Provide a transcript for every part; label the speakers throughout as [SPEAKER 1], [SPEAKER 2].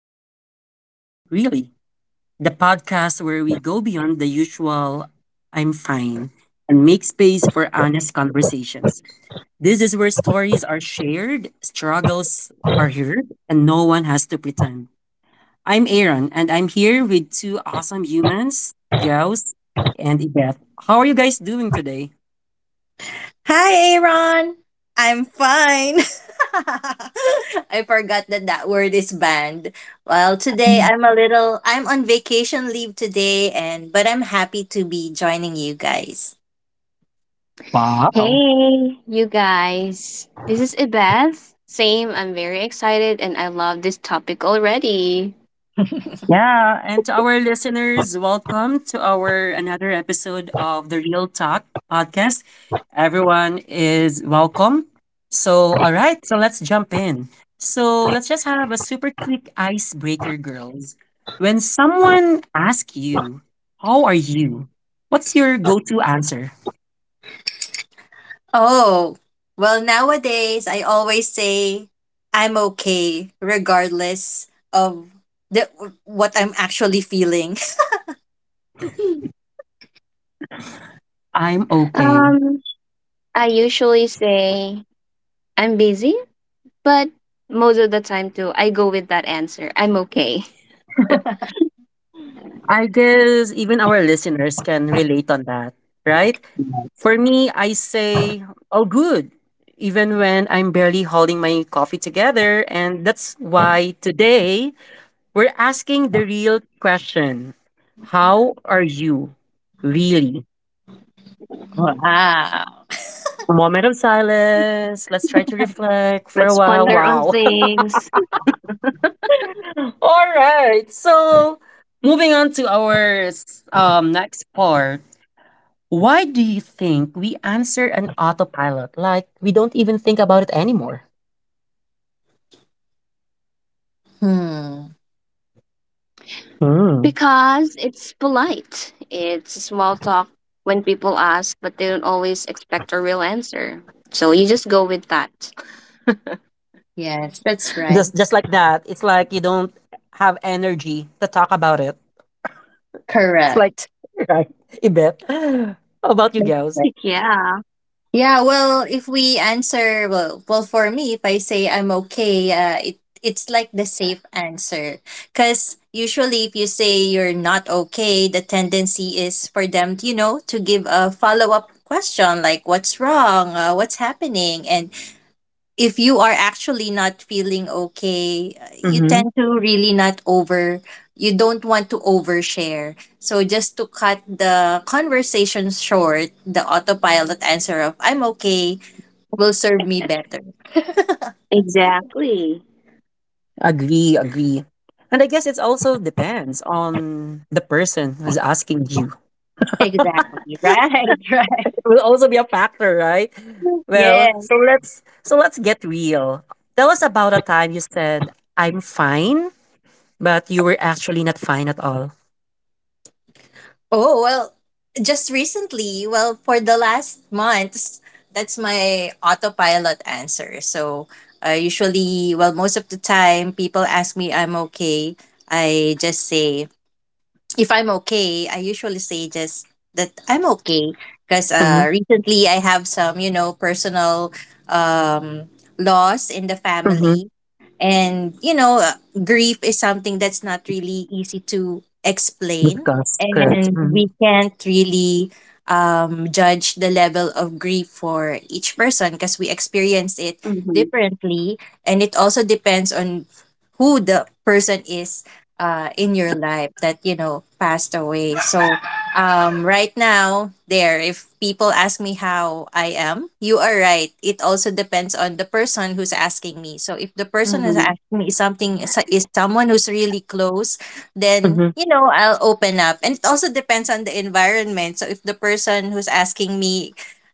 [SPEAKER 1] How are you? Really? The podcast where we go beyond the usual I'm fine and make space for honest conversations. This is where stories are shared, struggles are heard, and no one has to pretend. I'm Aaron, and I'm here with two awesome humans, Gauss and Yvette. How are you guys doing today?
[SPEAKER 2] Hi, Aaron. I'm fine. I forgot that that word is banned. Well, today I'm a little I'm on vacation leave today and but I'm happy to be joining you guys.
[SPEAKER 1] Wow.
[SPEAKER 3] Hey, you guys. This is Ibeth. Same, I'm very excited and I love this topic already.
[SPEAKER 1] Yeah, and to our listeners, welcome to our another episode of the Real Talk podcast. Everyone is welcome. So, all right, so let's jump in. So, let's just have a super quick icebreaker, girls. When someone asks you, how are you? What's your go to answer?
[SPEAKER 2] Oh, well, nowadays I always say I'm okay regardless of the what I'm actually feeling.
[SPEAKER 1] I'm okay.
[SPEAKER 3] Um, I usually say I'm busy, but most of the time too, I go with that answer. I'm okay.
[SPEAKER 1] I guess even our listeners can relate on that, right? For me, I say, all good, even when I'm barely holding my coffee together. And that's why today we're asking the real question: how are you really?
[SPEAKER 2] Wow.
[SPEAKER 1] A moment of silence. Let's try to reflect for a
[SPEAKER 3] Let's
[SPEAKER 1] while.
[SPEAKER 3] ponder on
[SPEAKER 1] Wow.
[SPEAKER 3] things.
[SPEAKER 1] All right. So, moving on to our next part. Why do you think we answer an autopilot like we don't even think about it anymore?
[SPEAKER 2] Hmm.
[SPEAKER 1] Hmm.
[SPEAKER 3] Because it's polite. It's small talk when people ask, but they don't always expect a real answer. So you just go with that.
[SPEAKER 2] Yes, that's right.
[SPEAKER 1] Just like that. It's like you don't have energy to talk about it. It's like
[SPEAKER 2] Correct.
[SPEAKER 1] right. I bet. How about you girls?
[SPEAKER 3] Yeah,
[SPEAKER 2] Yeah, well, if we answer well, well for me, if I say I'm okay, it's like the safe answer. Cause usually, if you say you're not okay, the tendency is for them, you know, to give a follow up question like what's wrong, what's happening, and if you are actually not feeling okay, you
[SPEAKER 1] Mm-hmm.
[SPEAKER 2] tend to really not over, you don't want to overshare. So just to cut the conversation short, the autopilot answer of, I'm okay, will serve me better.
[SPEAKER 3] exactly.
[SPEAKER 1] Agree, agree. And I guess it also depends on the person who's asking you. It
[SPEAKER 2] Exactly. Right. Right.
[SPEAKER 1] will also be a factor, right? Well,
[SPEAKER 2] Yes.
[SPEAKER 1] so let's get real. Tell us about a time you said I'm fine, but you were actually not fine at all.
[SPEAKER 2] Oh, well, just recently, well, for the last months, that's my autopilot answer. So, well, most of the time, people ask me I'm okay. I just say if I'm okay, I usually say just that I'm okay because
[SPEAKER 1] Mm-hmm.
[SPEAKER 2] recently I have some, you know, personal um, loss in the
[SPEAKER 1] Mm-hmm.
[SPEAKER 2] family. And, you know, grief is something that's not really easy to explain.
[SPEAKER 1] Discuss, correct.
[SPEAKER 2] And
[SPEAKER 1] Mm-hmm.
[SPEAKER 2] we can't really judge the level of grief for each person because we experience it
[SPEAKER 3] Mm-hmm.
[SPEAKER 2] differently. And it also depends on who the person is, in your life, that you know passed away. So right now, there, if people ask me how I am, you are right. It also depends on the person who's asking me. So if the person is
[SPEAKER 3] Mm-hmm.
[SPEAKER 2] asking me something is someone who's really close, then you know I'll open up. And it also depends on the environment. So if the person who's asking me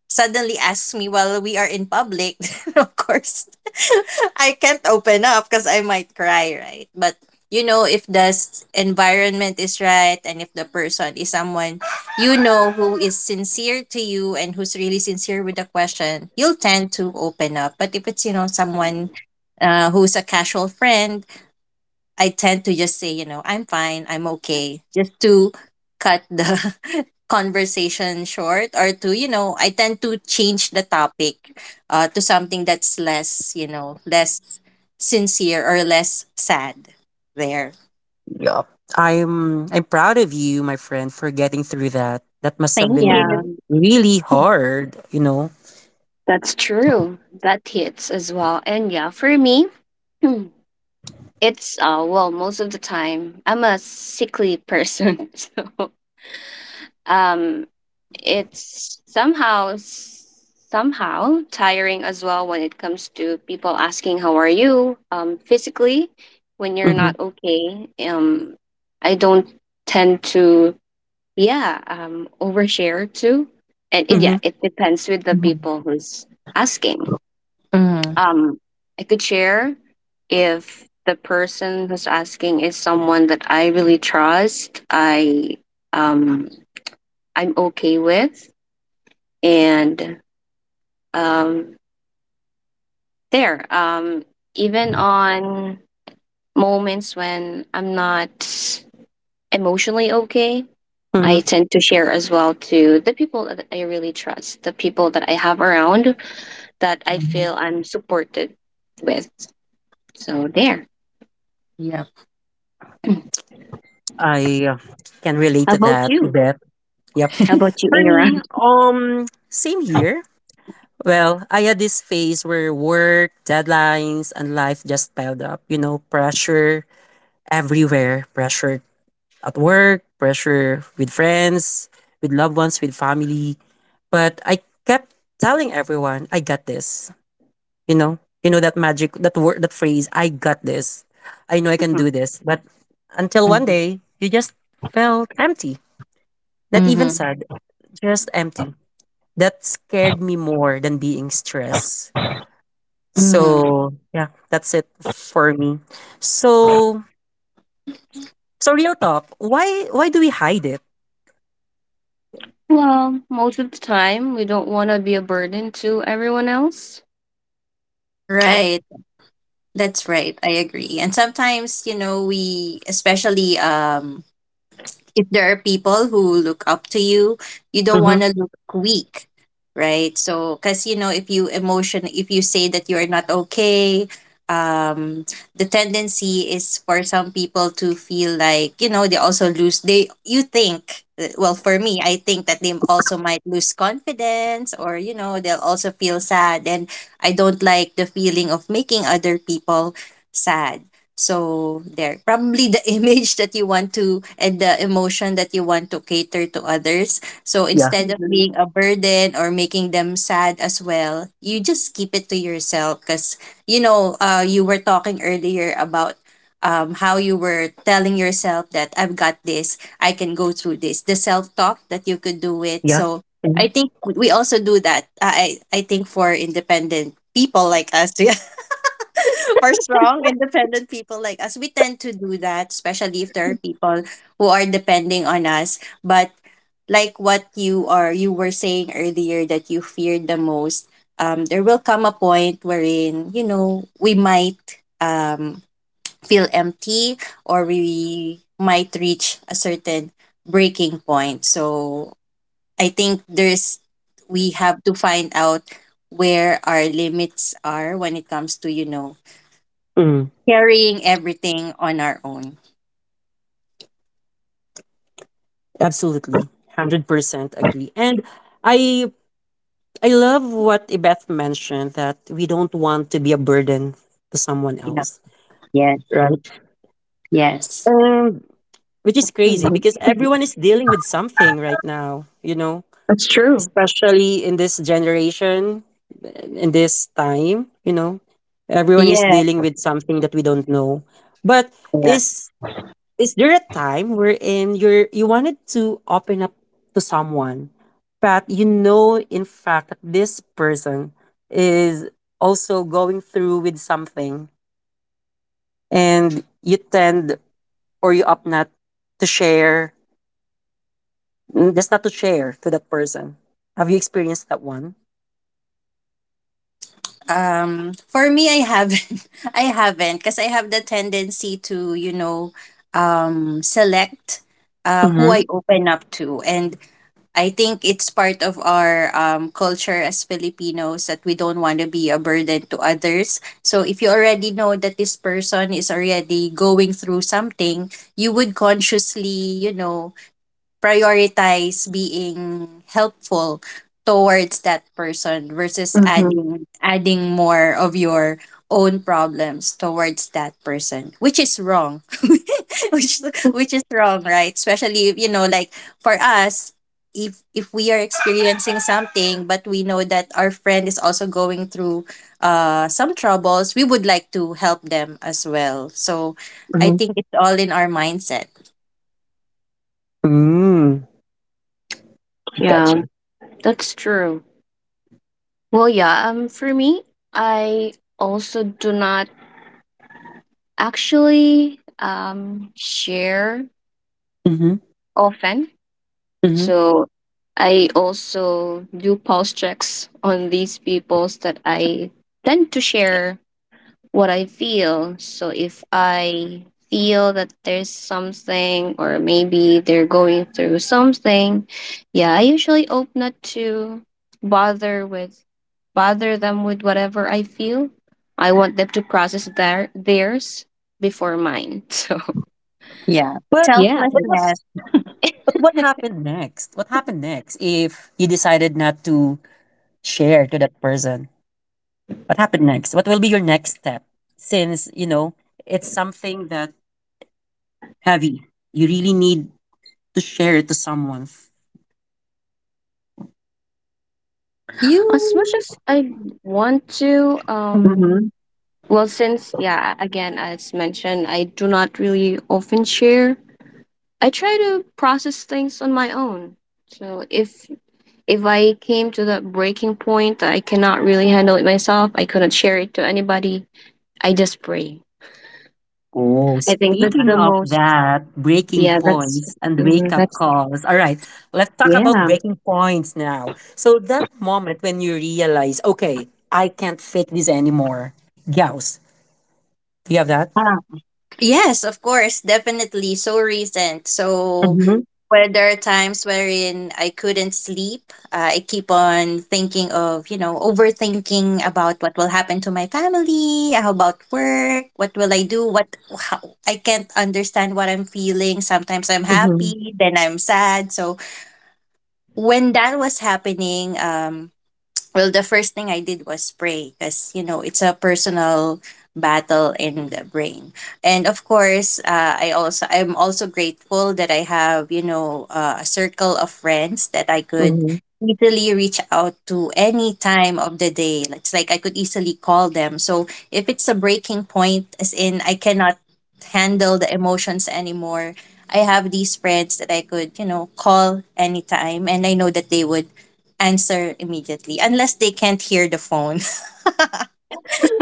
[SPEAKER 2] suddenly asks me while we are in public, then of course I can't open up because I might cry, right? But you know, if the environment is right and if the person is someone you know who is sincere to you and who's really sincere with the question, you'll tend to open up. But if it's, you know, someone who's a casual friend, I tend to just say, you know, I'm fine, I'm okay, just to cut the conversation short, or to, you know, I tend to change the topic to something that's less, you know, less sincere or less sad. There.
[SPEAKER 1] Yeah. I'm proud of you, my friend, for getting through that. That must have
[SPEAKER 2] Thank
[SPEAKER 3] Yeah.
[SPEAKER 1] been
[SPEAKER 2] you.
[SPEAKER 1] really hard, you know.
[SPEAKER 3] That's true. That hits as well. And yeah, for me, hmm, it's well, most of the time I'm a sickly person. So um it's somehow tiring as well when it comes to people asking how are you physically when you're
[SPEAKER 1] Mm-hmm.
[SPEAKER 3] not okay. I don't tend to yeah, overshare too. And it, yeah,
[SPEAKER 1] Mm-hmm.
[SPEAKER 3] it depends with the
[SPEAKER 2] Mhm.
[SPEAKER 3] people who's asking.
[SPEAKER 2] Mhm.
[SPEAKER 3] Um, I could share if the person who's asking is someone that I really trust. I um, I'm okay with, and um, there. Even on moments when I'm not emotionally okay, I
[SPEAKER 1] Mm-hmm.
[SPEAKER 3] tend to share as well to the people that I really trust, the people that I have around that I
[SPEAKER 2] Mhm.
[SPEAKER 3] feel I'm supported with. So there.
[SPEAKER 2] Yep.
[SPEAKER 3] How
[SPEAKER 1] I uh, can relate to
[SPEAKER 3] about
[SPEAKER 1] that,
[SPEAKER 3] you?
[SPEAKER 1] Beth. Yep.
[SPEAKER 3] How about you,
[SPEAKER 1] For me,
[SPEAKER 3] Aaron?
[SPEAKER 1] same here. Well, I had this phase where work, deadlines, and life just piled up. You know, pressure everywhere, pressure at work, pressure with friends, with loved ones, with family. But I kept telling everyone, I got this. You know that magic, that word, that phrase, I got this. I know I can
[SPEAKER 3] Mhm.
[SPEAKER 1] do this. But until one
[SPEAKER 2] Mhm.
[SPEAKER 1] day, you just felt empty, not even
[SPEAKER 2] Mhm.
[SPEAKER 1] sad, just empty. That scared me more than being stressed.
[SPEAKER 2] Mhm.
[SPEAKER 1] So yeah, that's it for me. So so real talk, why do we hide it?
[SPEAKER 3] Well, most of the time, we don't want to be a burden to everyone else.
[SPEAKER 2] Right. That's right. I agree. And sometimes, you know, we especially if there are people who look up to you, you don't
[SPEAKER 1] Mm-hmm.
[SPEAKER 2] want to look weak, right? So, because you know, if you say that you are not okay, um, the tendency is for some people to feel like you know they also lose. They you think well, for me, I think that they also might lose confidence, or you know they'll also feel sad, and I don't like the feeling of making other people sad, so there, probably the image that you want to and the emotion that you want to cater to others. So instead of
[SPEAKER 3] Mhm,
[SPEAKER 2] being a burden or making them sad as well, you just keep it to yourself because you know, you were talking earlier about how you were telling yourself that I've got this, I can go through this, the self talk that you could do it.
[SPEAKER 1] Yeah.
[SPEAKER 2] So
[SPEAKER 1] Mm.
[SPEAKER 2] I think we also do that. I think for independent people like us, for strong, independent people like us, we tend to do that, especially if there are people who are depending on us. But like what you were saying earlier that you feared the most, there will come a point wherein, you know, we might um feel empty or we might reach a certain breaking point. So I think there's we have to find out where our limits are when it comes to, you know,
[SPEAKER 1] Mm.
[SPEAKER 2] carrying everything on our own.
[SPEAKER 1] Absolutely. 100% agree. And I I love what Ibeth mentioned that we don't want to be a burden to someone
[SPEAKER 2] Yeah.
[SPEAKER 1] else,
[SPEAKER 2] Yes.
[SPEAKER 1] right?
[SPEAKER 2] Yes.
[SPEAKER 1] Um. Which is crazy
[SPEAKER 3] mhm,
[SPEAKER 1] because
[SPEAKER 3] mhm.
[SPEAKER 1] everyone is dealing with something right now, you know,
[SPEAKER 3] That's true.
[SPEAKER 1] especially in this generation, in this time, you know, everyone is
[SPEAKER 2] Yeah.
[SPEAKER 1] dealing with something that we don't know. But
[SPEAKER 2] Correct.
[SPEAKER 1] is Is there a time wherein you wanted to open up to someone, but you know in fact that this person is also going through with something and you tend or you opt not to share, just not to share to that person. Have you experienced that one?
[SPEAKER 2] For me, I haven't. I haven't because I have the tendency to, you know, select
[SPEAKER 1] Mm-hmm.
[SPEAKER 2] who I open up to, and I think it's part of our culture as Filipinos that we don't want to be a burden to others. So if you already know that this person is already going through something, you would consciously, you know, prioritize being helpful towards that person versus
[SPEAKER 3] Hmm.
[SPEAKER 2] adding more of your own problems towards that person, which is wrong. which which is wrong, right? Especially, you know, like, for us, if we are experiencing something but we know that our friend is also going through some troubles, we would like to help them as well. So I
[SPEAKER 1] Mm-hmm.
[SPEAKER 2] think it's all in our mindset.
[SPEAKER 1] Mm, I got
[SPEAKER 3] Yeah.
[SPEAKER 1] you.
[SPEAKER 3] That's true. Well, yeah, for me, I also do not actually share
[SPEAKER 1] Mm-hmm.
[SPEAKER 3] often.
[SPEAKER 1] Mm-hmm.
[SPEAKER 3] So I also do pulse checks on these peoples that I tend to share what I feel. So if I feel that there's something or maybe they're going through something, yeah, I usually opt not to bother with bother them with whatever I feel. I want them to process theirs before mine. So
[SPEAKER 2] Yeah,
[SPEAKER 1] But
[SPEAKER 3] yeah,
[SPEAKER 1] but what
[SPEAKER 2] selflessness.
[SPEAKER 3] it's
[SPEAKER 1] but what happened next? What happened next if you decided not to share to that person? What happened next? What will be your next step, since you know it's something that heavy you really need to share it to someone?
[SPEAKER 3] as much
[SPEAKER 2] You.
[SPEAKER 3] as I want to,
[SPEAKER 2] Mhm.
[SPEAKER 1] hmm
[SPEAKER 3] well since yeah, again as mentioned, I do not really often share I try to process things on my own. So if I came to the breaking point that I cannot really handle it myself, I couldn't share it to anybody. I just pray.
[SPEAKER 1] oh,
[SPEAKER 3] I think that's
[SPEAKER 1] speaking
[SPEAKER 3] the
[SPEAKER 1] of
[SPEAKER 3] most.
[SPEAKER 1] that breaking
[SPEAKER 3] Yeah, that's
[SPEAKER 1] points and wake
[SPEAKER 3] mhm,
[SPEAKER 1] up
[SPEAKER 3] that's
[SPEAKER 1] calls, all right, let's talk about
[SPEAKER 3] yeah.
[SPEAKER 1] breaking points now. So that moment when you realize, okay, I can't fake this anymore. Gauss, do you have that?
[SPEAKER 2] Ah, yes, of course, definitely. So recent. So
[SPEAKER 1] Mm-hmm.
[SPEAKER 2] where there are times wherein I couldn't sleep, I keep on thinking of, you know, overthinking about what will happen to my family, how about work, what will I do, I can't understand what I'm feeling. Sometimes I'm
[SPEAKER 1] Mm-hmm.
[SPEAKER 2] happy, then I'm sad. So when that was happening, well, the first thing I did was pray because, you know, it's a personal battle in the brain. And of course, I'm also grateful that I have, you know, a circle of friends that I could
[SPEAKER 1] Mm-hmm.
[SPEAKER 2] easily reach out to any time of the day. It's like I could easily call them. So, if it's a breaking point as in I cannot handle the emotions anymore, I have these friends that I could, you know, call anytime, and I know that they would answer immediately unless they can't hear the phone.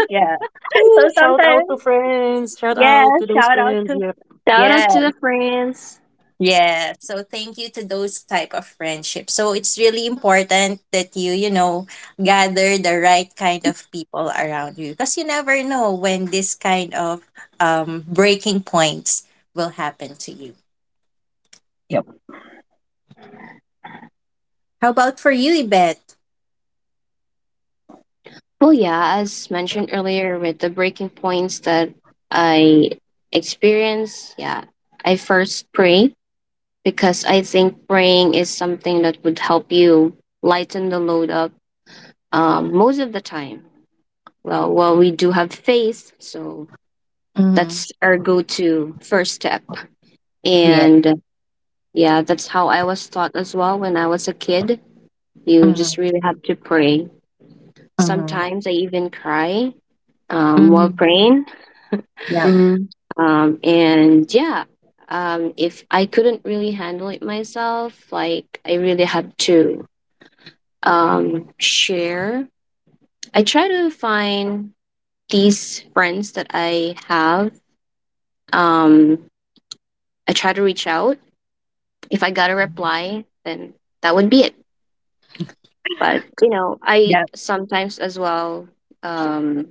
[SPEAKER 2] Yeah.
[SPEAKER 1] Ooh,
[SPEAKER 2] So sometimes,
[SPEAKER 1] shout
[SPEAKER 2] yeah,
[SPEAKER 1] out to those
[SPEAKER 2] shout out
[SPEAKER 1] friends.
[SPEAKER 2] to,
[SPEAKER 3] Shout
[SPEAKER 2] yeah.
[SPEAKER 3] out to the friends.
[SPEAKER 2] Yeah. So thank you to those type of friendships. So it's really important that you know, gather the right kind of people around you because you never know when this kind of breaking points will happen to you.
[SPEAKER 1] Yep.
[SPEAKER 2] How about for you, Ibet?
[SPEAKER 3] Well, yeah, as mentioned earlier, with the breaking points that I experience, yeah, I first pray because I think praying is something that would help you lighten the load up most of the time. Well, we do have faith, so
[SPEAKER 2] Mm-hmm.
[SPEAKER 3] that's our go-to first step.
[SPEAKER 2] Yeah.
[SPEAKER 3] And yeah, that's how I was taught as well when I was a kid. You
[SPEAKER 2] Mm-hmm.
[SPEAKER 3] just really have to pray.
[SPEAKER 2] Mm-hmm.
[SPEAKER 3] Sometimes I even cry while
[SPEAKER 2] Mm-hmm.
[SPEAKER 3] praying.
[SPEAKER 2] Yeah.
[SPEAKER 1] Mhm.
[SPEAKER 3] And yeah, if I couldn't really handle it myself, like I really have to share. I try to find these friends that I have. Um, I try to reach out. If I got a reply, then that would be it. But you know, I
[SPEAKER 2] Yeah.
[SPEAKER 3] sometimes as well um,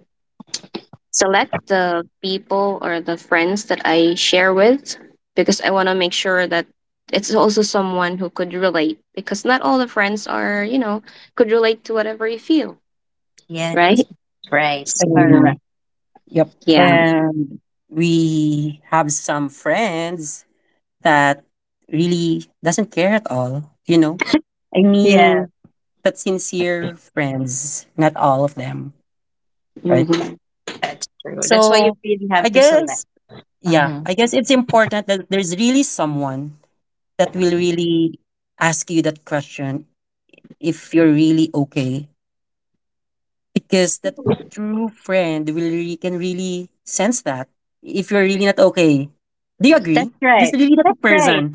[SPEAKER 3] select the people or the friends that I share with because I want to make sure that it's also someone who could relate because not all the friends are you know could relate to whatever you feel,
[SPEAKER 2] Yes.
[SPEAKER 3] right?
[SPEAKER 2] Right.
[SPEAKER 1] Agree.
[SPEAKER 3] So
[SPEAKER 2] Correct.
[SPEAKER 1] Yep.
[SPEAKER 3] yeah.
[SPEAKER 1] And we have some friends that really doesn't care at all, you know? I
[SPEAKER 2] Yeah.
[SPEAKER 1] mean, that sincere friends, not all of them, right?
[SPEAKER 3] Hmm.
[SPEAKER 2] That's true. That's why you
[SPEAKER 1] So
[SPEAKER 2] really
[SPEAKER 1] I
[SPEAKER 2] have to select.
[SPEAKER 1] guess, yeah,
[SPEAKER 2] Hmm.
[SPEAKER 1] I guess it's important that there's really someone that will really ask you that question if you're really okay. Because the true friend will really, can really sense that if you're really not okay. Do you agree?
[SPEAKER 2] That's
[SPEAKER 1] There's
[SPEAKER 2] right.
[SPEAKER 1] really that
[SPEAKER 2] That's right.
[SPEAKER 1] person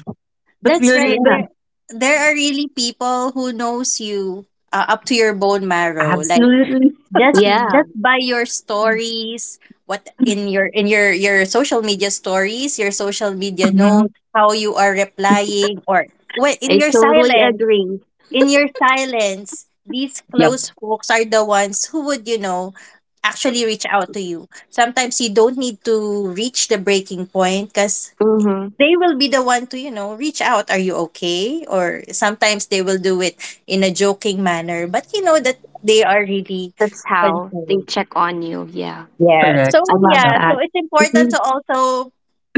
[SPEAKER 1] that
[SPEAKER 2] That's
[SPEAKER 1] really
[SPEAKER 2] right.
[SPEAKER 1] that
[SPEAKER 3] Yeah.
[SPEAKER 2] There are really people who knows you, up to your bone marrow. Like,
[SPEAKER 1] absolutely.
[SPEAKER 2] just,
[SPEAKER 3] Yeah,
[SPEAKER 2] just by your stories, what in your your social media stories, your social media
[SPEAKER 1] Mhm.
[SPEAKER 2] notes, how you are replying, or what in
[SPEAKER 3] I
[SPEAKER 2] your
[SPEAKER 3] totally
[SPEAKER 2] silence,
[SPEAKER 3] agree.
[SPEAKER 2] in your silence, these close
[SPEAKER 1] Yep,
[SPEAKER 2] folks are the ones who would, you know, actually reach out to you. Sometimes you don't need to reach the breaking point because
[SPEAKER 3] Mm-hmm.
[SPEAKER 2] they will be the one to, you know, reach out. Are you okay? Or sometimes they will do it in a joking manner, but you know that they are really
[SPEAKER 3] That's how they
[SPEAKER 2] concerned.
[SPEAKER 3] check on you. Yeah.
[SPEAKER 2] Yeah.
[SPEAKER 1] correct.
[SPEAKER 3] I
[SPEAKER 2] So,
[SPEAKER 3] love
[SPEAKER 2] yeah.
[SPEAKER 1] Yep.
[SPEAKER 3] that.
[SPEAKER 2] So it's important
[SPEAKER 3] Hmm.
[SPEAKER 2] to also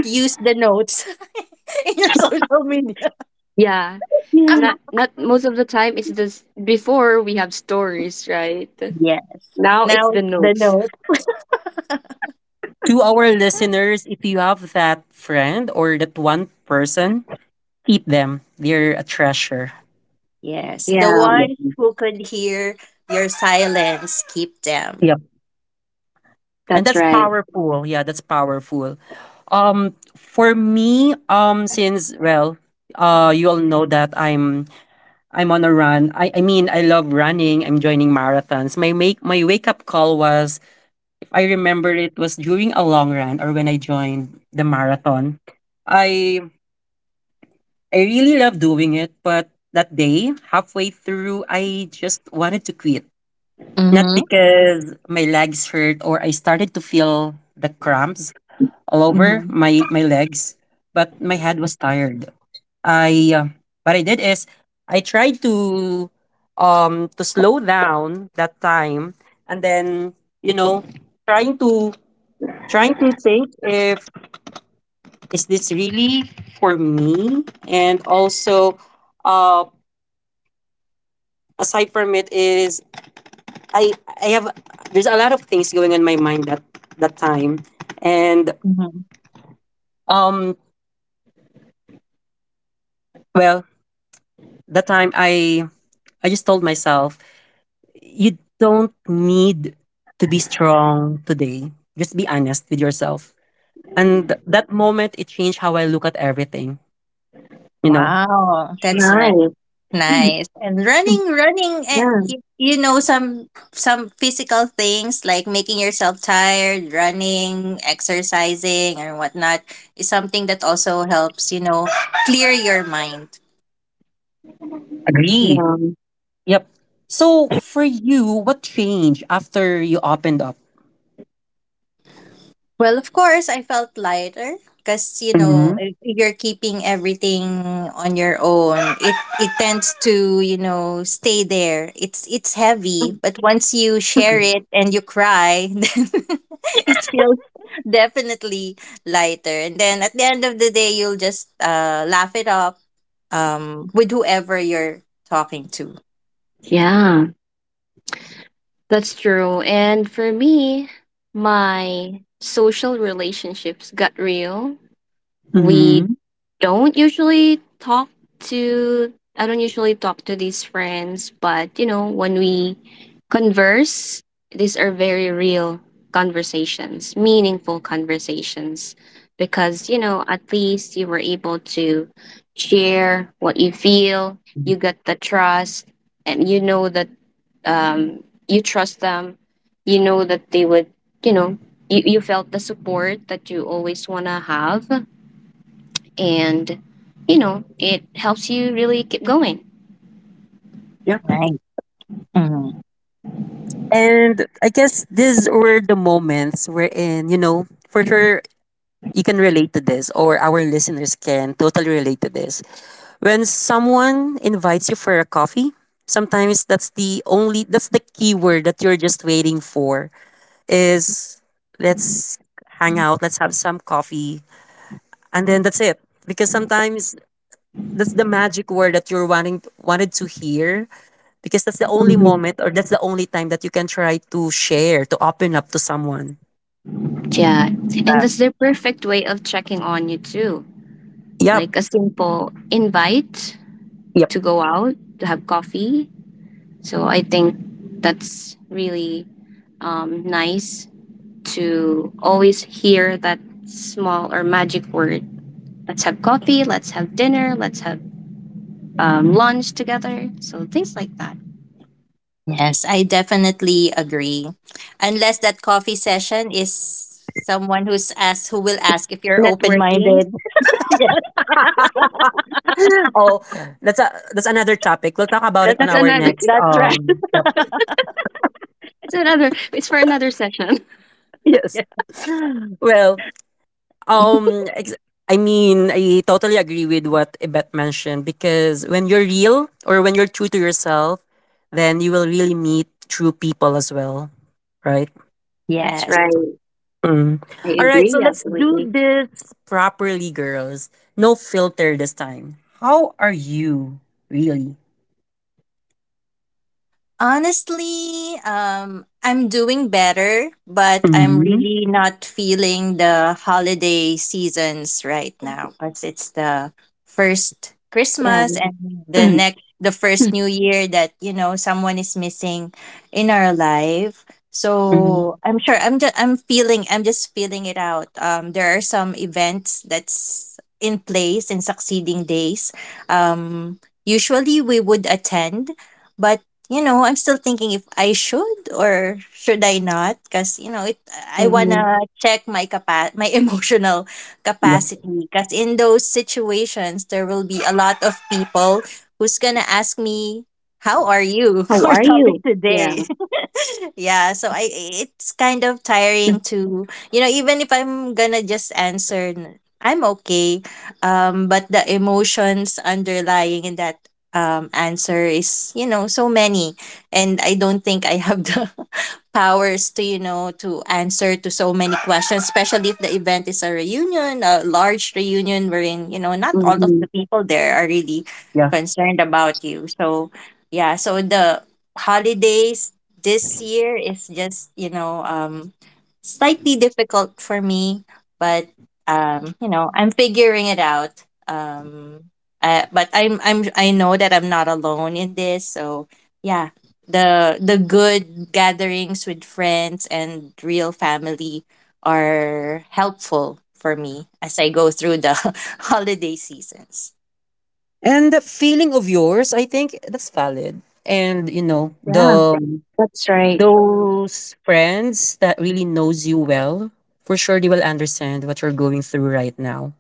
[SPEAKER 2] use the notes in your social media.
[SPEAKER 3] Yeah.
[SPEAKER 1] Yeah.
[SPEAKER 3] Not most of the time it's this before we have stories, right?
[SPEAKER 2] Yeah.
[SPEAKER 3] Now it's
[SPEAKER 2] Now
[SPEAKER 3] the
[SPEAKER 2] it's the
[SPEAKER 3] notes.
[SPEAKER 2] notes.
[SPEAKER 1] To our listeners, if you have that friend or that one person, keep them. They're a treasure.
[SPEAKER 2] Yes. The
[SPEAKER 3] Yeah,
[SPEAKER 2] ones
[SPEAKER 1] Yep.
[SPEAKER 2] who could hear your silence, keep them.
[SPEAKER 1] Yep. And
[SPEAKER 3] that's
[SPEAKER 1] that's
[SPEAKER 3] right.
[SPEAKER 1] powerful. Yeah, that's powerful. For me, since, well, you all know that I'm on a run. I mean, I love running. I'm joining marathons. My wake up call was, if I remember, it was during a long run or when I joined the marathon. I I really love doing it, but that day, halfway through, I just wanted to quit. Not
[SPEAKER 2] Mm-hmm.
[SPEAKER 1] because my legs hurt or I started to feel the cramps all over
[SPEAKER 2] Mm-hmm.
[SPEAKER 1] my legs, but my head was tired. I what I did is I tried to slow down that time, and then, you know, trying to think if is this really for me, and also, uh aside from it, is, I I have there's a lot of things going on my mind that time, and
[SPEAKER 2] Mm-hmm.
[SPEAKER 1] um well, that time, I just told myself, you don't need to be strong today. Just be honest with yourself. And that moment, it changed how I look at everything, you know?
[SPEAKER 2] Wow. That's right.
[SPEAKER 3] Nice.
[SPEAKER 2] Nice. And running, running, eh,
[SPEAKER 3] Yeah,
[SPEAKER 2] you know, some physical things like making yourself tired, running, exercising, and whatnot is something that also helps, you know, clear your mind.
[SPEAKER 1] Agree.
[SPEAKER 3] yeah.
[SPEAKER 1] Yep. So for you, what changed after you opened up?
[SPEAKER 2] Well, of course, I felt lighter because you know if you're keeping everything on your own, it tends to you know stay there. It's heavy, but once you share it and you cry, then it feels definitely lighter. And then at the end of the day, you'll just laugh it up with whoever you're talking to.
[SPEAKER 3] Yeah, that's true. And for me, my social relationships got real we
[SPEAKER 1] Mm-hmm.
[SPEAKER 3] don't usually talk to I don't usually talk to these friends, but you know, when we converse, these are very real conversations, meaningful conversations because you know, at least you were able to share what you feel, you got the trust and you know that you trust them. You know that they would, you know, you felt the support that you always want to have and you know it helps you really keep going.
[SPEAKER 1] Yep.
[SPEAKER 2] Right. Mhm.
[SPEAKER 1] And I guess these were the moments wherein, you know, for sure you can relate to this, or our listeners can totally relate to this. When someone invites you for a coffee, sometimes that's the key word that you're just waiting for is let's hang out, let's have some coffee, and then that's it. Because sometimes that's the magic word that you're wanting wanted to hear because that's the only
[SPEAKER 3] Mhm,
[SPEAKER 1] moment or that's the only time that you can try to share to open up to someone.
[SPEAKER 3] yeah, and that's their perfect way of checking on you too,
[SPEAKER 1] Yep.
[SPEAKER 3] like a simple invite
[SPEAKER 1] Yep.
[SPEAKER 3] to go out to have coffee. So I think that's really nice to always hear that small or magic word. Let's have coffee, let's have dinner, let's have lunch together, so things like that.
[SPEAKER 2] Yes, I definitely agree. Unless that coffee session is someone who's asked who will ask if you're open
[SPEAKER 3] Networking.
[SPEAKER 2] minded. Yes,
[SPEAKER 1] Oh, that's another topic, we'll talk about it
[SPEAKER 2] that's
[SPEAKER 1] on
[SPEAKER 3] That's
[SPEAKER 2] good.
[SPEAKER 1] our
[SPEAKER 3] another
[SPEAKER 1] next.
[SPEAKER 2] That's right.
[SPEAKER 1] Yep.
[SPEAKER 3] that's another, it's for another session.
[SPEAKER 1] Yes. Well, um ex- I mean, I totally agree with what Ibet mentioned because when you're real or when you're true to yourself, then you will really meet true people as well, right?
[SPEAKER 3] That's
[SPEAKER 2] Yes.
[SPEAKER 3] right.
[SPEAKER 1] Mm.
[SPEAKER 3] I
[SPEAKER 1] All right, so
[SPEAKER 3] agree
[SPEAKER 1] let's do
[SPEAKER 3] absolutely.
[SPEAKER 1] this properly, girls. No filter this time. How are you, really?
[SPEAKER 2] Honestly, I'm doing better, but I'm
[SPEAKER 1] Mm-hmm.
[SPEAKER 2] really not feeling the holiday seasons right now because it's the first
[SPEAKER 3] Yeah.
[SPEAKER 2] Christmas and the first New Year that you know someone is missing in our life.
[SPEAKER 1] Mm-hmm.
[SPEAKER 2] So I'm sure I'm just feeling it out. There are some events that's in place in succeeding days. Um, Usually we would attend, but you know, I'm still thinking if I should or should I not, because you know, it I want
[SPEAKER 3] Mhm.
[SPEAKER 2] to check my emotional
[SPEAKER 1] Yep.
[SPEAKER 2] capacity, because in those situations there will be a lot of people who's going to ask me, "How are you?"
[SPEAKER 3] How
[SPEAKER 2] Our
[SPEAKER 3] are
[SPEAKER 2] topic
[SPEAKER 3] you?
[SPEAKER 2] today.
[SPEAKER 3] Yeah.
[SPEAKER 2] Yeah, so I it's kind of tiring to, you know, even if I'm gonna just answer I'm okay. But the emotions underlying in that answer is, you know, so many, and I don't think I have the powers to, you know, to answer to so many questions, especially if the event is a large reunion, wherein you know not all of
[SPEAKER 3] Hmm.
[SPEAKER 2] the people there are really
[SPEAKER 1] Yeah.
[SPEAKER 2] concerned about you. So yeah, so the holidays this year is just, you know, slightly difficult for me, but you know I'm figuring it out. But I know that I'm not alone in this, so yeah. The good gatherings with friends and real family are helpful for me as I go through the holiday seasons.
[SPEAKER 1] And that feeling of yours, I think that's valid. And you know,
[SPEAKER 3] Yeah.
[SPEAKER 1] the
[SPEAKER 3] That's right.
[SPEAKER 1] those friends that really knows you well, for sure they will understand what you're going through right now.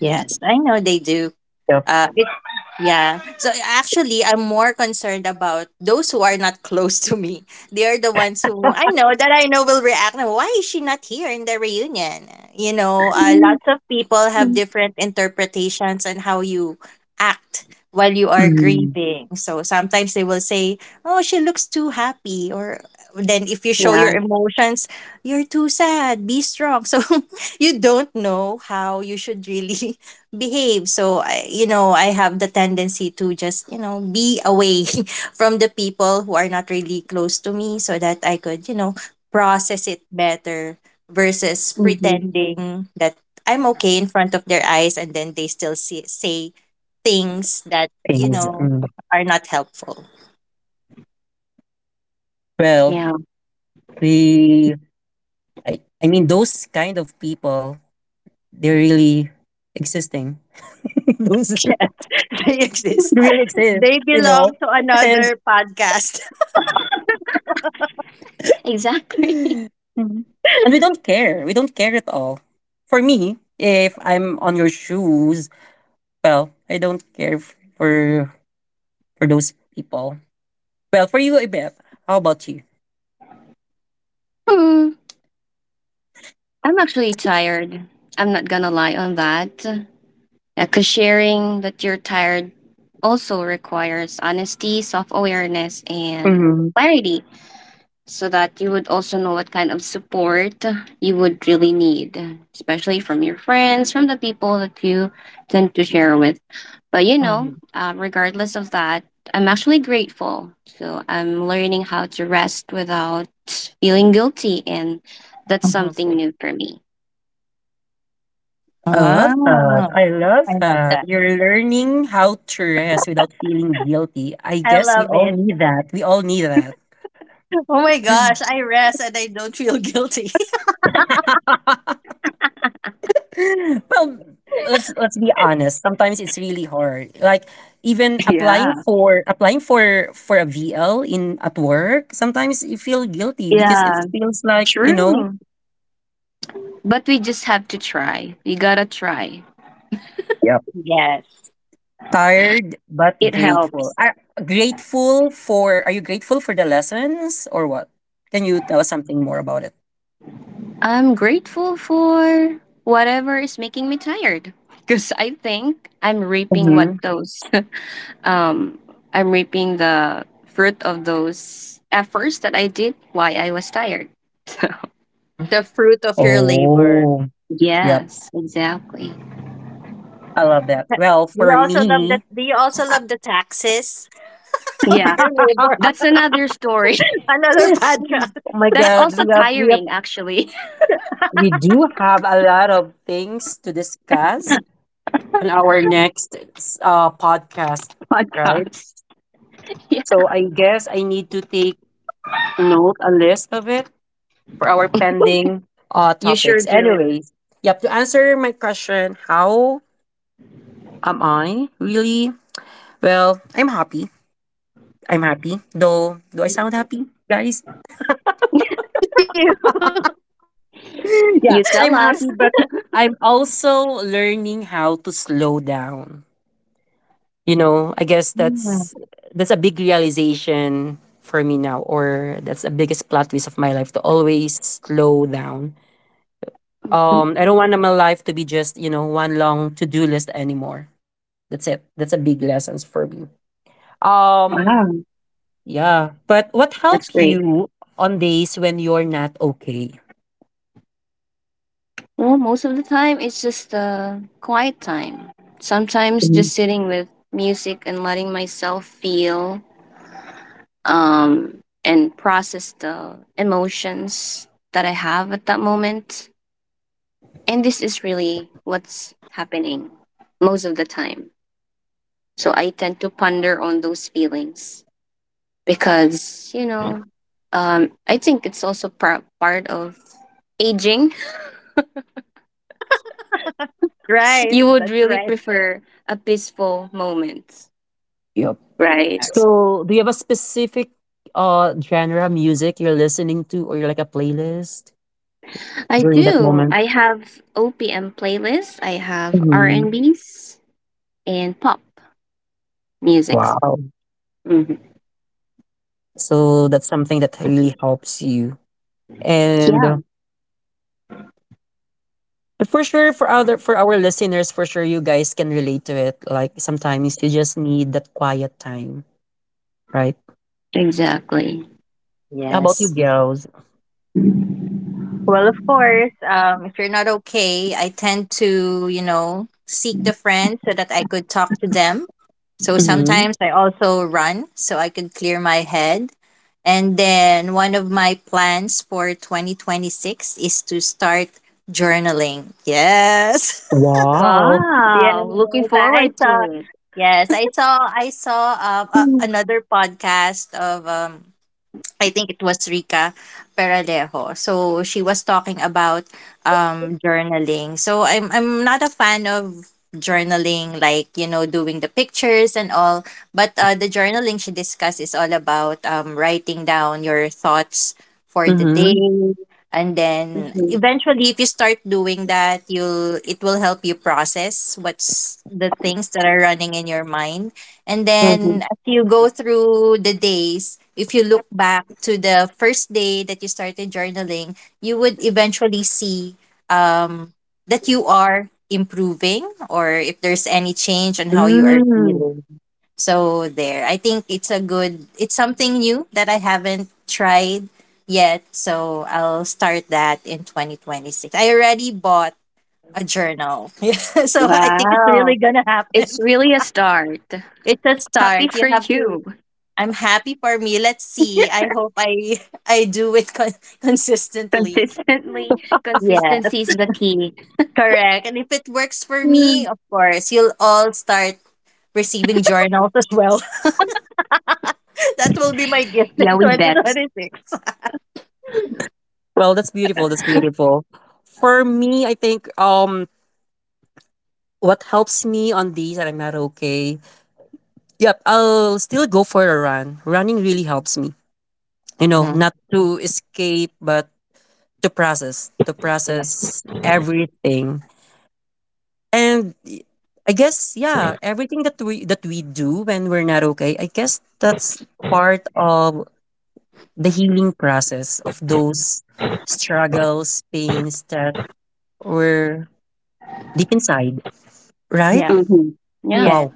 [SPEAKER 2] Yes, I know they do.
[SPEAKER 1] Yep.
[SPEAKER 2] Uh, it, yeah. So actually, I'm more concerned about those who are not close to me. They are the ones who I know will react. "Now, why is she not here in the reunion?" You know, lots of people have different interpretations on how you act while you are
[SPEAKER 1] Mm,
[SPEAKER 2] grieving. So sometimes they will say, "Oh, she looks too happy," or then if you show your
[SPEAKER 3] Yeah.
[SPEAKER 2] emotions, you're too sad. Be strong. So you don't know how you should really behave. So I, you know, I have the tendency to just, you know, be away from the people who are not really close to me, so that I could, you know, process it better, versus
[SPEAKER 3] Hmm.
[SPEAKER 2] pretending that I'm okay in front of their eyes and then they still say things that you
[SPEAKER 1] things.
[SPEAKER 2] know
[SPEAKER 1] Mm.
[SPEAKER 2] are not helpful.
[SPEAKER 1] Well,
[SPEAKER 3] Yeah.
[SPEAKER 1] we I mean those kind of people, they're really existing. Those
[SPEAKER 2] They exist.
[SPEAKER 1] really exist,
[SPEAKER 2] They
[SPEAKER 1] you know.
[SPEAKER 2] belong to
[SPEAKER 1] And,
[SPEAKER 2] another podcast.
[SPEAKER 3] Exactly.
[SPEAKER 1] mm-hmm, and we don't care. We don't care at all. For me, if I'm on your shoes, well, I don't care for those people. Well, for you, Ibeth, how about you?
[SPEAKER 3] Hmm. I'm actually tired. I'm not gonna lie on that. Because sharing that you're tired also requires honesty, self awareness, and
[SPEAKER 1] Hmm.
[SPEAKER 3] clarity, so that you would also know what kind of support you would really need, especially from your friends, from the people that you tend to share with. But you know,
[SPEAKER 2] Mhm,
[SPEAKER 3] regardless of that, I'm actually grateful. So I'm learning how to rest without feeling guilty, and that's something
[SPEAKER 2] mhm.
[SPEAKER 3] new for me.
[SPEAKER 1] I love that.
[SPEAKER 2] Ah,
[SPEAKER 1] I love
[SPEAKER 2] I love
[SPEAKER 1] that.
[SPEAKER 2] that,
[SPEAKER 1] You're learning how to rest without feeling guilty. I
[SPEAKER 2] I
[SPEAKER 1] guess we
[SPEAKER 2] love
[SPEAKER 1] all
[SPEAKER 2] it.
[SPEAKER 1] need that. We all need that.
[SPEAKER 2] Oh my gosh, I rest and I don't feel guilty.
[SPEAKER 1] Well, let's be honest. Sometimes it's really hard. Like even applying
[SPEAKER 3] Yeah.
[SPEAKER 1] for applying for for a VL in at work, sometimes you feel guilty because it
[SPEAKER 3] Yeah.
[SPEAKER 1] feels like, you know.
[SPEAKER 3] True. But we just have to try. We gotta try.
[SPEAKER 1] Yep.
[SPEAKER 2] Yes.
[SPEAKER 1] Tired but
[SPEAKER 3] It
[SPEAKER 1] grateful.
[SPEAKER 3] helps.
[SPEAKER 1] Are you grateful for the lessons or what? Can you tell us something more about it?
[SPEAKER 3] I'm grateful for whatever is making me tired because I think I'm reaping what
[SPEAKER 1] Mm-hmm.
[SPEAKER 3] those um I'm reaping the fruit of those efforts that I did why I was tired. So,
[SPEAKER 2] Mhm. The fruit of your labor.
[SPEAKER 1] Oh, yep.
[SPEAKER 3] yes, exactly.
[SPEAKER 1] I love
[SPEAKER 2] The
[SPEAKER 1] that.
[SPEAKER 2] ta-
[SPEAKER 1] Well,
[SPEAKER 2] do you
[SPEAKER 1] for
[SPEAKER 2] also love the,
[SPEAKER 1] me,
[SPEAKER 2] do you also love the taxes of
[SPEAKER 3] Yeah,
[SPEAKER 2] your labor?
[SPEAKER 3] that's another story.
[SPEAKER 2] Another podcast.
[SPEAKER 1] oh my
[SPEAKER 3] That's
[SPEAKER 1] God,
[SPEAKER 3] also
[SPEAKER 1] we have we have
[SPEAKER 3] tiring actually.
[SPEAKER 1] We do have a lot of things to discuss on our next podcast, right?
[SPEAKER 3] Podcast. Yeah,
[SPEAKER 1] So I guess I need to take note a list of it for our pending
[SPEAKER 3] you sure
[SPEAKER 1] topics.
[SPEAKER 3] do.
[SPEAKER 1] Anyways, yep, to answer my question, how am I really? Well, I'm happy. I'm happy. Though, do I sound happy, guys?
[SPEAKER 2] Good for you.
[SPEAKER 1] Yeah,
[SPEAKER 3] You tell
[SPEAKER 1] I'm
[SPEAKER 3] us.
[SPEAKER 1] happy, but I'm also learning how to slow down. You know, I guess
[SPEAKER 2] Mm.
[SPEAKER 1] that's a big realization for me now, or that's the biggest plot twist of my life: to always slow down. I don't want my life to be just, you know, one long to-do list anymore. That's it, that's a big lesson for me. um
[SPEAKER 3] Wow,
[SPEAKER 1] yeah, but what
[SPEAKER 3] that's
[SPEAKER 1] help
[SPEAKER 3] great.
[SPEAKER 1] you on days when you're not okay?
[SPEAKER 3] Well, most of the time, it's just a quiet time. Sometimes just sitting with music and letting myself feel, um, and process the emotions that I have at that moment. And this is really what's happening most of the time. So I tend to ponder on those feelings because, you know, I think it's also part of aging.
[SPEAKER 2] Right.
[SPEAKER 3] You would
[SPEAKER 2] That's
[SPEAKER 3] really
[SPEAKER 2] right.
[SPEAKER 3] prefer a peaceful moment,
[SPEAKER 1] Yep.
[SPEAKER 2] Correct.
[SPEAKER 3] right?
[SPEAKER 1] So, do you have a specific genre of music you're listening to, or like a playlist
[SPEAKER 3] I
[SPEAKER 1] during that
[SPEAKER 3] do.
[SPEAKER 1] moment?
[SPEAKER 3] I have OPM playlists. I have R&Bs and
[SPEAKER 1] Mhm.
[SPEAKER 3] B's and pop musics.
[SPEAKER 1] Wow.
[SPEAKER 3] Hmm.
[SPEAKER 1] So that's something that really helps you, and
[SPEAKER 3] Yeah,
[SPEAKER 1] for sure, for our listeners, for sure you guys can relate to it. Like sometimes you just need that quiet time. Right.
[SPEAKER 3] exactly.
[SPEAKER 1] How about you,
[SPEAKER 2] Yes.
[SPEAKER 1] girls?
[SPEAKER 2] Well, of course, if you're not okay, I tend to, you know, seek the friend so that I could talk to them. So
[SPEAKER 1] Mhm.
[SPEAKER 2] sometimes I also run so I could clear my head. And then one of my plans for 2026 is to start journaling. Yes.
[SPEAKER 1] Wow.
[SPEAKER 3] Wow, looking
[SPEAKER 2] Yes, I
[SPEAKER 3] forward to
[SPEAKER 2] saw.
[SPEAKER 3] it.
[SPEAKER 2] Yes, I saw a another podcast of I think it was Rica Peralejo. So she was talking about journaling. So I'm not a fan of journaling, like you know doing the pictures and all, but the journaling she discussed is all about, writing down your thoughts for the day,
[SPEAKER 1] Mhm.
[SPEAKER 2] and then
[SPEAKER 3] Hmm.
[SPEAKER 2] eventually if you start doing that you'll it will help you process what's the things that are running in your mind, and
[SPEAKER 3] Hmm.
[SPEAKER 2] then as you go through the days, if you look back to the first day that you started journaling, you would eventually see um, that you are improving or if there's any change on how you are
[SPEAKER 1] Mm.
[SPEAKER 2] feeling. So there, I think it's a good, it's something new that I haven't tried yet. So I'll start that in 2026. I already bought a journal. Yeah, so I think it's really
[SPEAKER 3] Wow.
[SPEAKER 2] going to
[SPEAKER 3] It's
[SPEAKER 2] happen.
[SPEAKER 3] really a start.
[SPEAKER 2] It's a
[SPEAKER 3] Happy
[SPEAKER 2] start. You
[SPEAKER 3] for
[SPEAKER 2] have to.
[SPEAKER 3] you.
[SPEAKER 2] I'm happy for me. Let's see. I hope I I do it consistently.
[SPEAKER 3] Consistently,
[SPEAKER 2] Yeah, that's
[SPEAKER 3] consistency is the key.
[SPEAKER 2] correct. And if it works for me, of course, you'll all start receiving journals as well. That will be my gift
[SPEAKER 3] Yeah,
[SPEAKER 2] in
[SPEAKER 3] we bet.
[SPEAKER 2] 2026.
[SPEAKER 1] Well, that's beautiful. That's beautiful. For me, I think what helps me on days that I'm not okay. Yep, I'll still go for a run. Running really helps me. You know,
[SPEAKER 2] Mm-hmm.
[SPEAKER 1] not to escape but to
[SPEAKER 2] Yeah.
[SPEAKER 1] process everything. And I guess yeah, everything that we do when we're not okay, I guess that's part of the healing process of those struggles, pains that were deep inside, right?
[SPEAKER 2] Yeah.
[SPEAKER 3] Mm-hmm. Yeah.
[SPEAKER 2] Yeah.
[SPEAKER 1] Wow.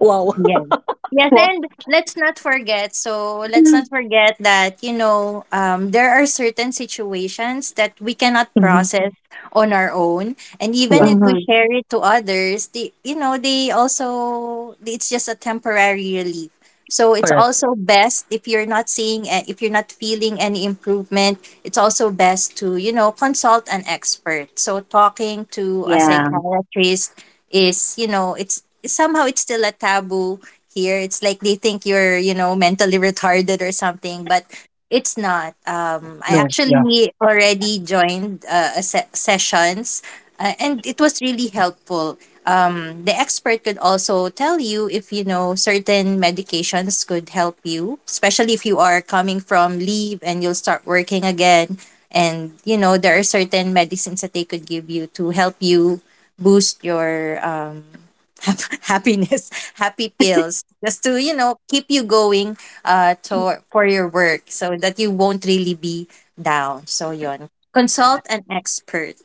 [SPEAKER 1] Wow.
[SPEAKER 2] Yes. Yes,
[SPEAKER 3] Well,
[SPEAKER 2] and let's not forget. So let's not forget that you know, there are certain situations that we cannot
[SPEAKER 1] Mhm.
[SPEAKER 2] process on our own, and even
[SPEAKER 1] Yeah,
[SPEAKER 2] if we
[SPEAKER 3] hmm,
[SPEAKER 2] share it to others, they you know they also it's just a temporary relief. So it's
[SPEAKER 1] correct.
[SPEAKER 2] also best if you're not seeing a- if you're not feeling any improvement, it's also best to you know consult an expert. So talking to a
[SPEAKER 3] yeah.
[SPEAKER 2] psychiatrist is, you know, it's somehow it's still a taboo here. It's like they think you're, you know, mentally retarded or something, but it's not. I
[SPEAKER 1] No, yeah.
[SPEAKER 2] actually already joined sessions, and it was really helpful. The expert could also tell you if you know certain medications could help you, especially if you are coming from leave and you'll start working again, and you know there are certain medicines that they could give you to help you boost your hap happiness. Happy pills just to, you know, keep you going, to for your work so that you won't really be down. So yon consult an expert.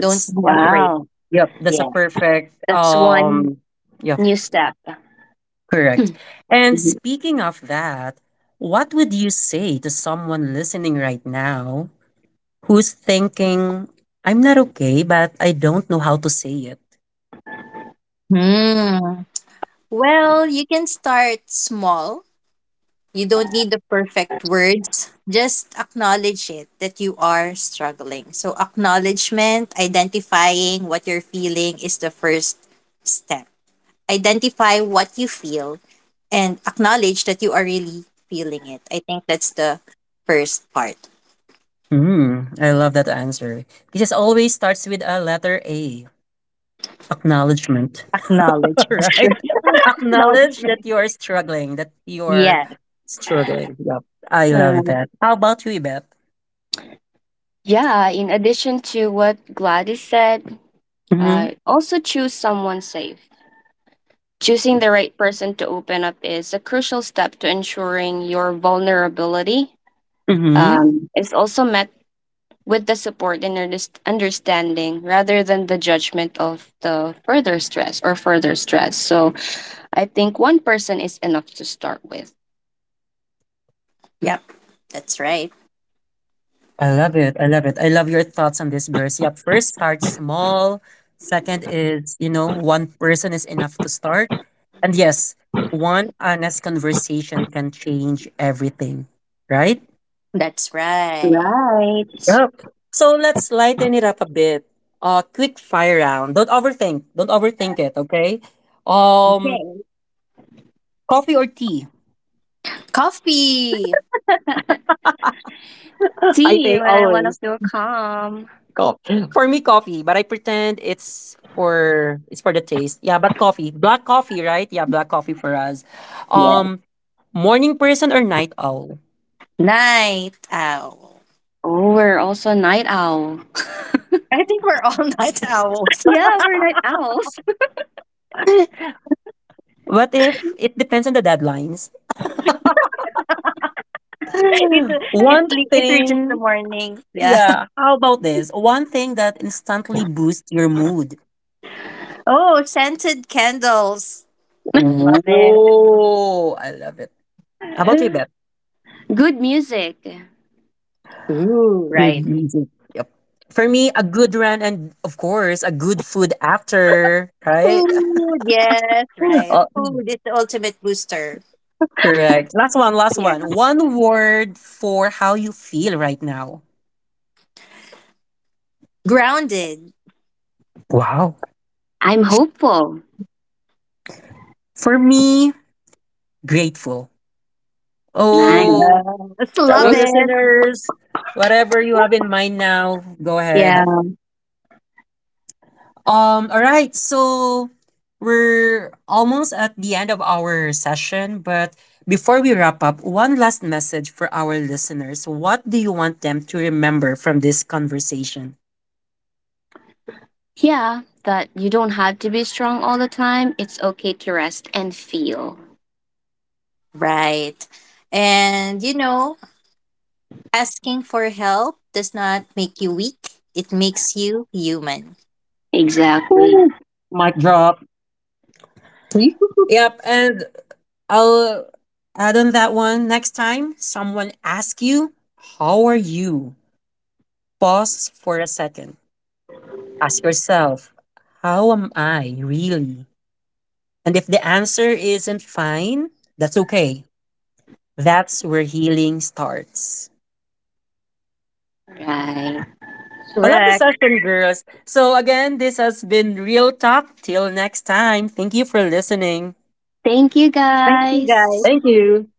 [SPEAKER 2] Don't be afraid.
[SPEAKER 3] Wow.
[SPEAKER 1] Yep, that's a
[SPEAKER 2] Yeah.
[SPEAKER 1] perfect,
[SPEAKER 3] That's one
[SPEAKER 1] yeah,
[SPEAKER 3] new step.
[SPEAKER 1] correct.
[SPEAKER 2] Right.
[SPEAKER 1] And
[SPEAKER 3] Mhm.
[SPEAKER 1] speaking of that, what would you say to someone listening right now who's thinking, I'm not okay, but I don't know how to say it?
[SPEAKER 2] Hmm. Well, you can start small. You don't need the perfect words, just acknowledge it that you are struggling. So acknowledgement, identifying what you're feeling is the first step. Identify what you feel and acknowledge that you are really feeling it. I think that's the first part.
[SPEAKER 1] Hmm. I love that answer. Because always starts with a letter A. Acknowledgement. All
[SPEAKER 2] Acknowledgement.
[SPEAKER 3] Sure.
[SPEAKER 1] right? Acknowledge that
[SPEAKER 2] Acknowledgement.
[SPEAKER 1] you are struggling, that you are
[SPEAKER 2] Yes.
[SPEAKER 1] struggling. Yep. I love
[SPEAKER 3] Um,
[SPEAKER 1] that. How about you, Beth?
[SPEAKER 3] yeah, in addition to what Gladys said,
[SPEAKER 1] Mm-hmm.
[SPEAKER 3] also choose someone safe. Choosing the right person to open up is a crucial step to ensuring your vulnerability
[SPEAKER 1] Mm-hmm.
[SPEAKER 3] is also met with the support and understanding rather than the judgment of the further stress or further stress. So I think one person is enough to start with.
[SPEAKER 2] Yep, that's right.
[SPEAKER 1] I love it. I love it. I love your thoughts on this, girls. Yep. First, start small. Second is, you know, one person is enough to start. And yes, one honest conversation can change everything, right?
[SPEAKER 2] That's right.
[SPEAKER 3] Right.
[SPEAKER 1] Yep. So let's lighten it up a bit. Quick fire round. Don't overthink. Don't overthink it. Okay. Um,
[SPEAKER 2] Okay.
[SPEAKER 1] Coffee or tea?
[SPEAKER 2] Coffee.
[SPEAKER 1] I
[SPEAKER 3] See
[SPEAKER 1] think
[SPEAKER 3] when I want to
[SPEAKER 1] always
[SPEAKER 3] feel calm.
[SPEAKER 1] coffee. For me, coffee. But I pretend it's for the taste. Yeah, but coffee. Black coffee, right? Yeah, black coffee for us.
[SPEAKER 2] Yeah.
[SPEAKER 1] Um, Morning person or night owl?
[SPEAKER 2] Night owl.
[SPEAKER 3] Oh, we're also night owl.
[SPEAKER 2] I think we're all night owls.
[SPEAKER 3] Yeah, we're night owls.
[SPEAKER 1] What if it depends on the deadlines?
[SPEAKER 2] It it
[SPEAKER 1] One
[SPEAKER 2] it reaches the
[SPEAKER 1] thing,
[SPEAKER 2] morning. Yeah.
[SPEAKER 1] yeah. How about this? One thing that instantly boosts your mood.
[SPEAKER 2] Oh, scented candles. Love it.
[SPEAKER 1] Whoa! I love it. How about you, Beth?
[SPEAKER 3] Good music.
[SPEAKER 2] Ooh,
[SPEAKER 1] Good
[SPEAKER 2] right.
[SPEAKER 1] music. Yep. For me, a good run and of course a good food after, right?
[SPEAKER 2] Food. Yes. Right.
[SPEAKER 1] Oh,
[SPEAKER 2] Food is the ultimate booster.
[SPEAKER 1] correct. Last one, last one.
[SPEAKER 3] Yeah.
[SPEAKER 1] One word for how you feel right now.
[SPEAKER 2] Grounded.
[SPEAKER 1] Wow.
[SPEAKER 3] I'm hopeful.
[SPEAKER 1] For me, grateful.
[SPEAKER 3] Nice.
[SPEAKER 1] Oh,
[SPEAKER 2] Yes. Love
[SPEAKER 1] travel
[SPEAKER 3] Mhm.
[SPEAKER 2] it.
[SPEAKER 1] listeners, whatever you have in mind now, go
[SPEAKER 3] Yeah.
[SPEAKER 1] ahead. All right, so we're almost at the end of our session, but before we wrap up, one last message for our listeners. What do you want them to remember from this conversation?
[SPEAKER 3] Yeah, that you don't have to be strong all the time. It's okay to rest and feel.
[SPEAKER 2] Right. And, you know, asking for help does not make you weak, it makes you human.
[SPEAKER 3] Exactly.
[SPEAKER 1] Ooh, mic drop. Yep, and I'll add on that one next time someone asks you, how are you? Pause for a second. Ask yourself, how am I really? And if the answer isn't fine, that's okay. That's where healing starts.
[SPEAKER 3] Right.
[SPEAKER 1] I love the
[SPEAKER 2] Correct.
[SPEAKER 1] session, girls. So, again, this has been Real Talk. Till next time, thank you for listening.
[SPEAKER 3] Thank you
[SPEAKER 2] Thank you,
[SPEAKER 3] guys.
[SPEAKER 2] guys.
[SPEAKER 1] Thank you.